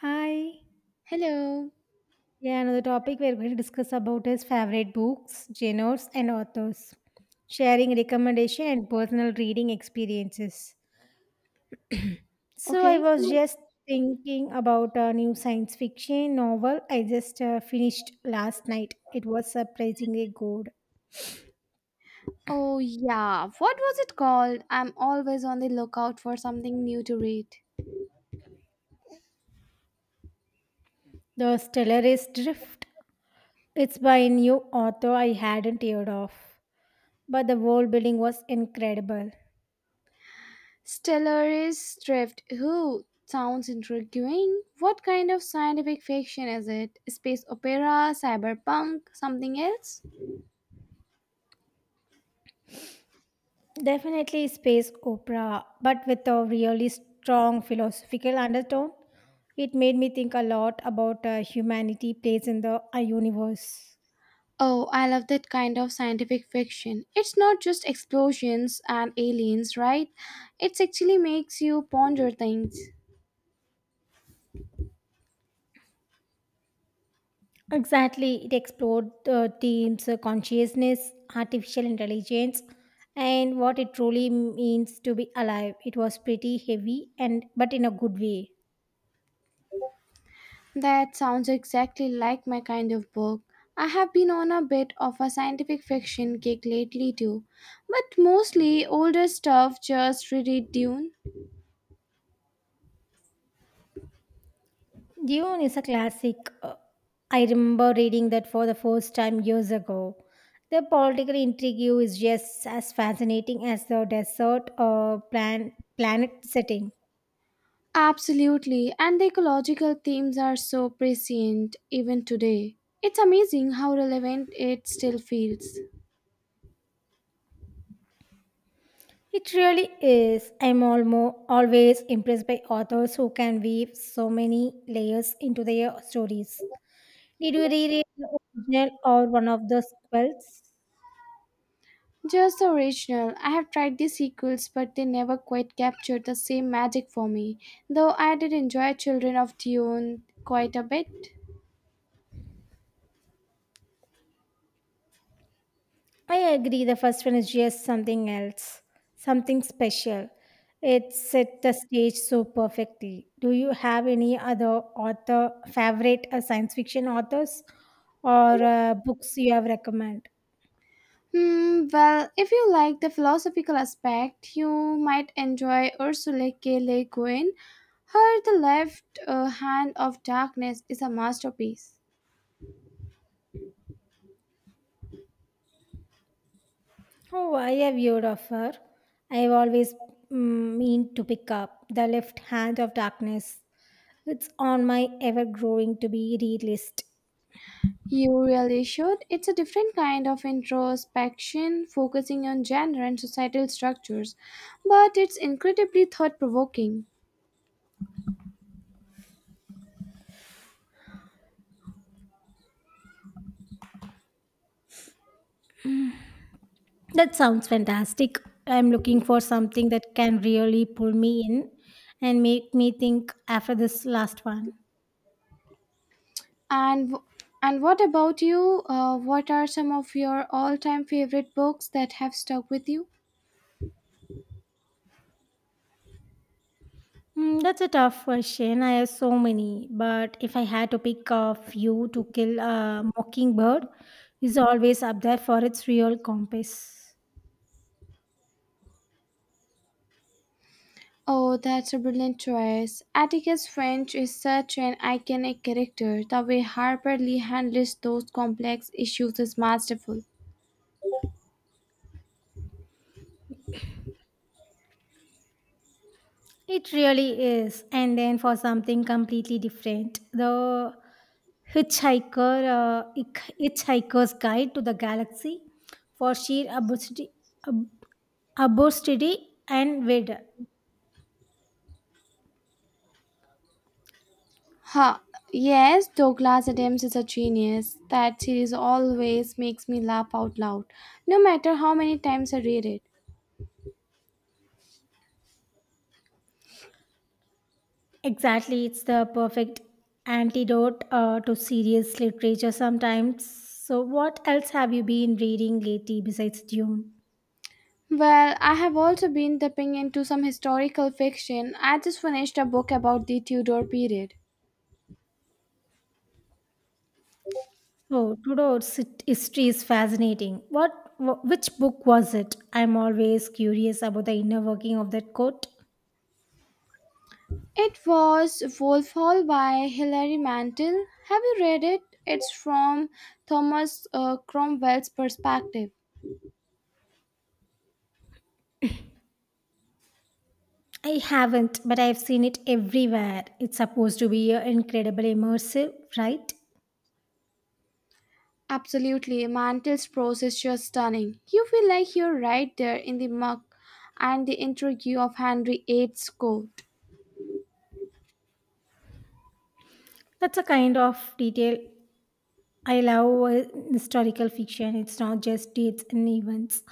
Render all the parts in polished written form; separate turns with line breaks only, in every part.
Hi.
Hello.
Yeah, another topic we're going to discuss about is favorite books, genres, and authors, sharing recommendation and personal reading experiences. So I
Okay.
was just thinking about a new science fiction novel I just finished last night. It was surprisingly good.
Oh, yeah. What was it called? I'm always on the lookout for something new to read.
The Stellarist Drift. It's by a new author I hadn't heard of, but the world building was incredible.
Stellaris Drift. Who? Sounds intriguing. What kind of scientific fiction is it? Space opera, cyberpunk, something else?
Definitely space opera, but with a really strong philosophical undertone. It made me think a lot about humanity place in the universe.
Oh, I love that kind of scientific fiction. It's not just explosions and aliens, right? It actually makes you ponder things.
Exactly, it explored the themes consciousness, artificial intelligence, and what it truly means to be alive. It was pretty heavy and but in a good way.
That sounds exactly like my kind of book. I have been on a bit of a scientific fiction kick lately too, but mostly older stuff just reread Dune.
Dune is a classic. I remember reading that for the first time years ago. The political intrigue is just as fascinating as the planet setting.
Absolutely, and the ecological themes are so prescient even today. It's amazing how relevant it still feels.
It really is. I'm almost always impressed by authors who can weave so many layers into their stories. Did you reread the original or one of the sequels?
Just the original. I have tried the sequels, but they never quite captured the same magic for me, though I did enjoy Children of Dune quite a bit.
I agree. The first one is just something else, something special. It set the stage so perfectly. Do you have any other author favorite science fiction authors or books you have recommend?
Well, if you like the philosophical aspect, you might enjoy Ursula K. Le Guin. Her The Left Hand of Darkness is a masterpiece.
Oh, I have heard of her. I have always mean to pick up The Left Hand of Darkness. It's on my ever growing to be read list.
You really should. It's a different kind of introspection, focusing on gender and societal structures, but it's incredibly thought-provoking.
That sounds fantastic. I'm looking for something that can really pull me in and make me think after this last one.
And w- and what about you? What are some of your all-time favorite books that have stuck with you?
Hmm, that's a tough question. I have so many, but if I had to pick a few to kill a mockingbird, is always up there for its real compass.
Oh, that's a brilliant choice. Atticus Finch is such an iconic character. The way Harper Lee handles those complex issues is masterful.
It really is. And then for something completely different, the Hitchhiker, uh, Hitch- Hitchhiker's Guide to the Galaxy for sheer absurdity. Obesity and Vid.
Huh. Yes, Douglas Adams is a genius. That series always makes me laugh out loud, no matter how many times I read it.
Exactly, it's the perfect antidote to serious literature sometimes. So, what else have you been reading lately besides Dune?
Well, I have also been dipping into some historical fiction. I just finished a book about the Tudor period.
Oh, Tudor's history is fascinating. Which book was it? I'm always curious about the inner working of that court.
It was Wolf Hall by Hilary Mantel. Have you read it? It's from Thomas Cromwell's perspective.
I haven't, but I've seen it everywhere. It's supposed to be incredibly immersive, right?
Absolutely, Mantel's prose is just stunning. You feel like you're right there in the muck and the intrigue of Henry VIII's court.
That's a kind of detail I love historical fiction. It's not just dates and events,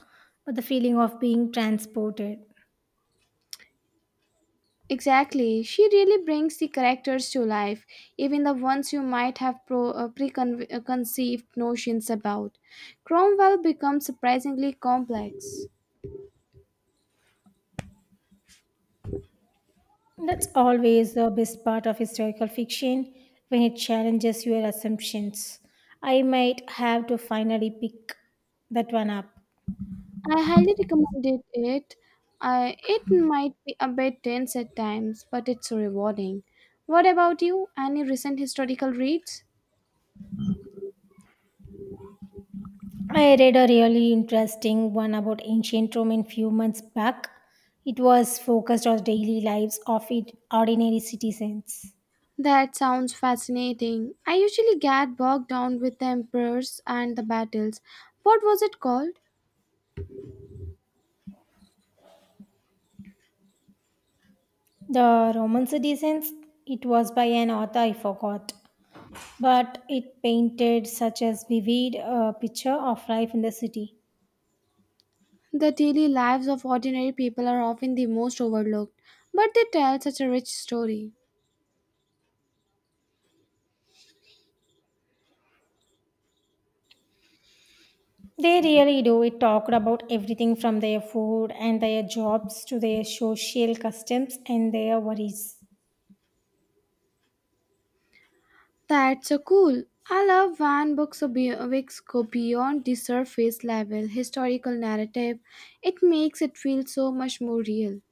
but the feeling of being transported.
Exactly, she really brings the characters to life, even the ones you might have preconceived notions about. Cromwell becomes surprisingly complex.
That's always the best part of historical fiction when it challenges your assumptions. I might have to finally pick that one up.
I highly recommended it. It might be a bit tense at times, but it's rewarding. What about you? Any recent historical reads?
I read a really interesting one about ancient Rome a few months back. It was focused on daily lives of it, ordinary citizens.
That sounds fascinating. I usually get bogged down with the emperors and the battles. What was it called?
The Roman citizens, it was by an author I forgot, but it painted such a vivid picture of life in the city.
The daily lives of ordinary people are often the most overlooked, but they tell such a rich story.
They really do. It talked about everything from their food and their jobs to their social customs and their worries.
That's so cool. I love when books go beyond the surface level historical narrative. It makes it feel so much more real.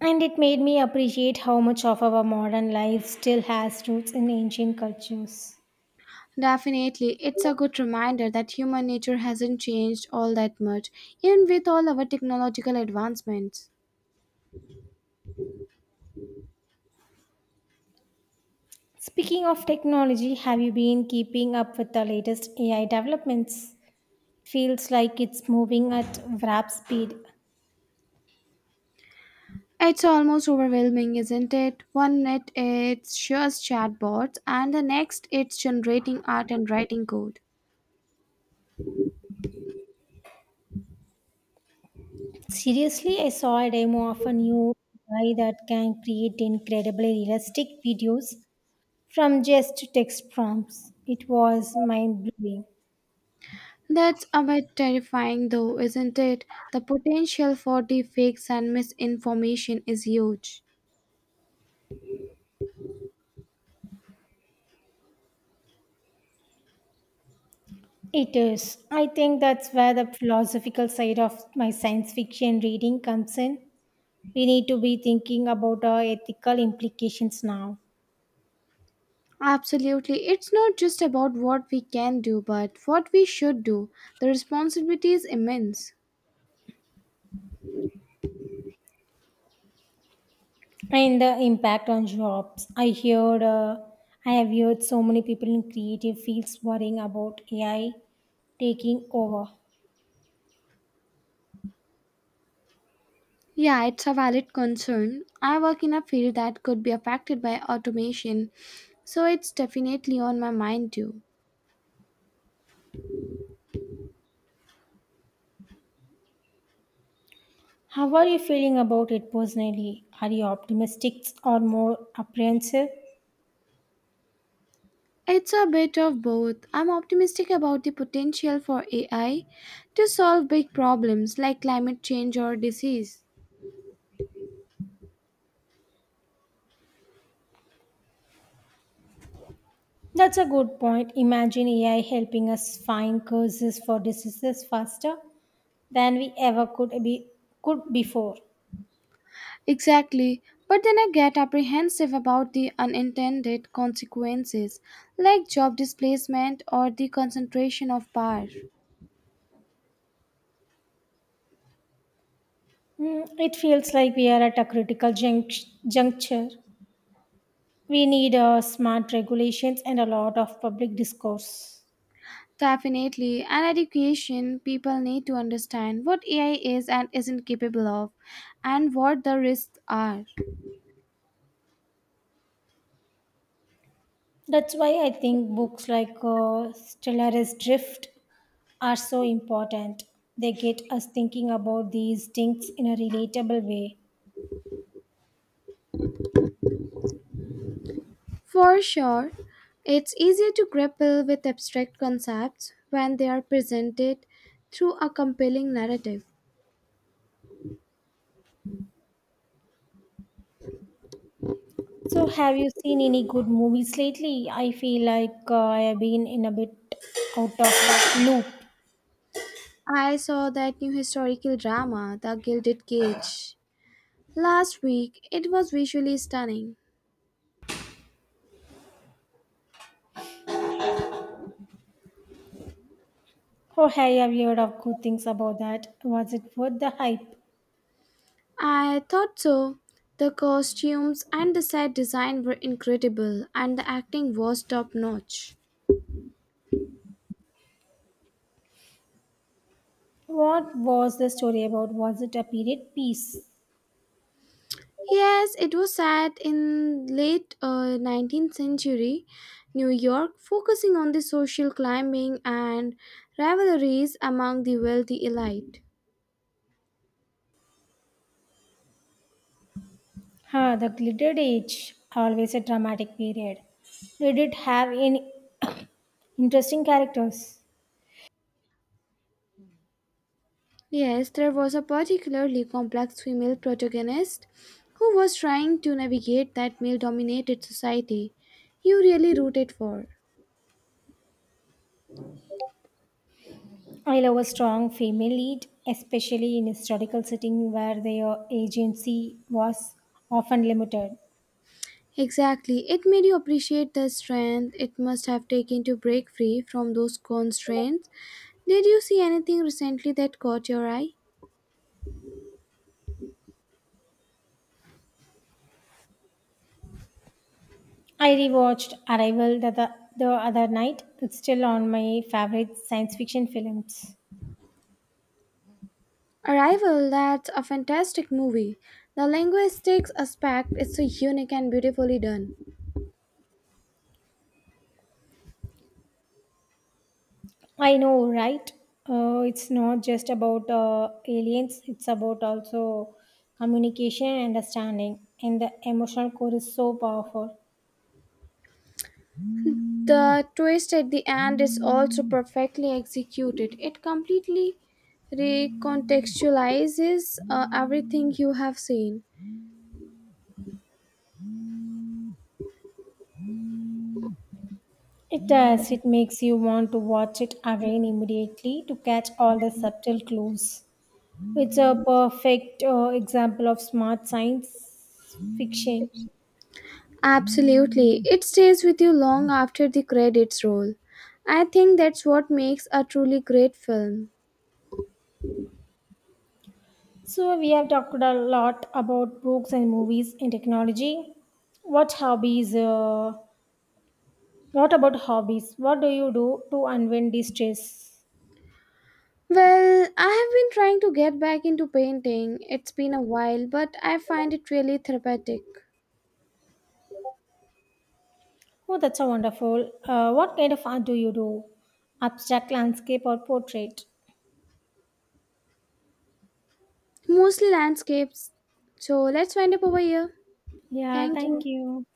And it made me appreciate how much of our modern life still has roots in ancient cultures.
Definitely, it's a good reminder that human nature hasn't changed all that much, even with all our technological advancements.
Speaking of technology, have you been keeping up with the latest AI developments? Feels like it's moving at warp speed.
It's almost overwhelming, isn't it? One minute it's just chatbots, and the next it's generating art and writing code.
Seriously, I saw a demo of a new AI that can create incredibly realistic videos from just text prompts. It was mind blowing.
That's a bit terrifying, though, isn't it? The potential for deepfakes and misinformation is huge.
It is. I think that's where the philosophical side of my science fiction reading comes in. We need to be thinking about our ethical implications now
Absolutely. It's not just about what we can do, but what we should do. The responsibility is immense.
and the impact on jobs. I have heard so many people in creative fields worrying about AI taking over.
Yeah, it's a valid concern. I work in a field that could be affected by automation, so it's definitely on my mind too.
How are you feeling about it personally? Are you optimistic or more apprehensive?
It's a bit of both. I'm optimistic about the potential for AI to solve big problems like climate change or disease.
That's a good point. Imagine AI helping us find causes for diseases faster than we ever could be could before.
Exactly. But then I get apprehensive about the unintended consequences, like job displacement or the concentration of power.
Mm, it feels like we are at a critical juncture. We need smart regulations and a lot of public discourse.
Definitely, and education people need to understand what AI is and isn't capable of, and what the risks are.
That's why I think books like Stellar's Drift are so important. They get us thinking about these things in a relatable way.
For sure, it's easier to grapple with abstract concepts when they are presented through a compelling narrative.
So, have you seen any good movies lately? I feel like I have been in a bit out of a loop.
I saw that new historical drama, The Gilded Cage, last week. It was visually stunning.
Oh, hey, have you heard of good things about that? Was it worth the hype?
I thought so. The costumes and the set design were incredible, and the acting was top notch.
What was the story about? Was it a period piece?
Yes, it was set in late 19th century New York, focusing on the social climbing and rivalries among the wealthy elite.
Huh, the glittered age, always a dramatic period. Did it have any interesting characters?
Yes, there was a particularly complex female protagonist who was trying to navigate that male dominated society you really rooted for.
I love a strong female lead, especially in historical setting where their agency was often limited.
Exactly, it made you appreciate the strength it must have taken to break free from those constraints. Did you see anything recently that caught your eye?
I rewatched Arrival the other night. It's still on my favorite science fiction films.
Arrival, that's a fantastic movie. The linguistics aspect is so unique and beautifully done.
I know, right? It's not just about aliens, it's about also communication and understanding. And the emotional core is so powerful.
The twist at the end is also perfectly executed. It completely recontextualizes everything you have seen.
It does. It makes you want to watch it again immediately to catch all the subtle clues. It's a perfect example of smart science fiction.
Absolutely. It stays with you long after the credits roll. I think that's what makes a truly great film.
So, we have talked a lot about books and movies and technology. What hobbies? Uh, what about hobbies? What do you do to unwind de stress?
Well, I have been trying to get back into painting. It's been a while, but I find it really therapeutic.
Oh, that's so wonderful. What kind of art do you do? Abstract landscape or portrait?
Mostly landscapes. So let's wind up over here.
Yeah,
Thank
thank
you.
you.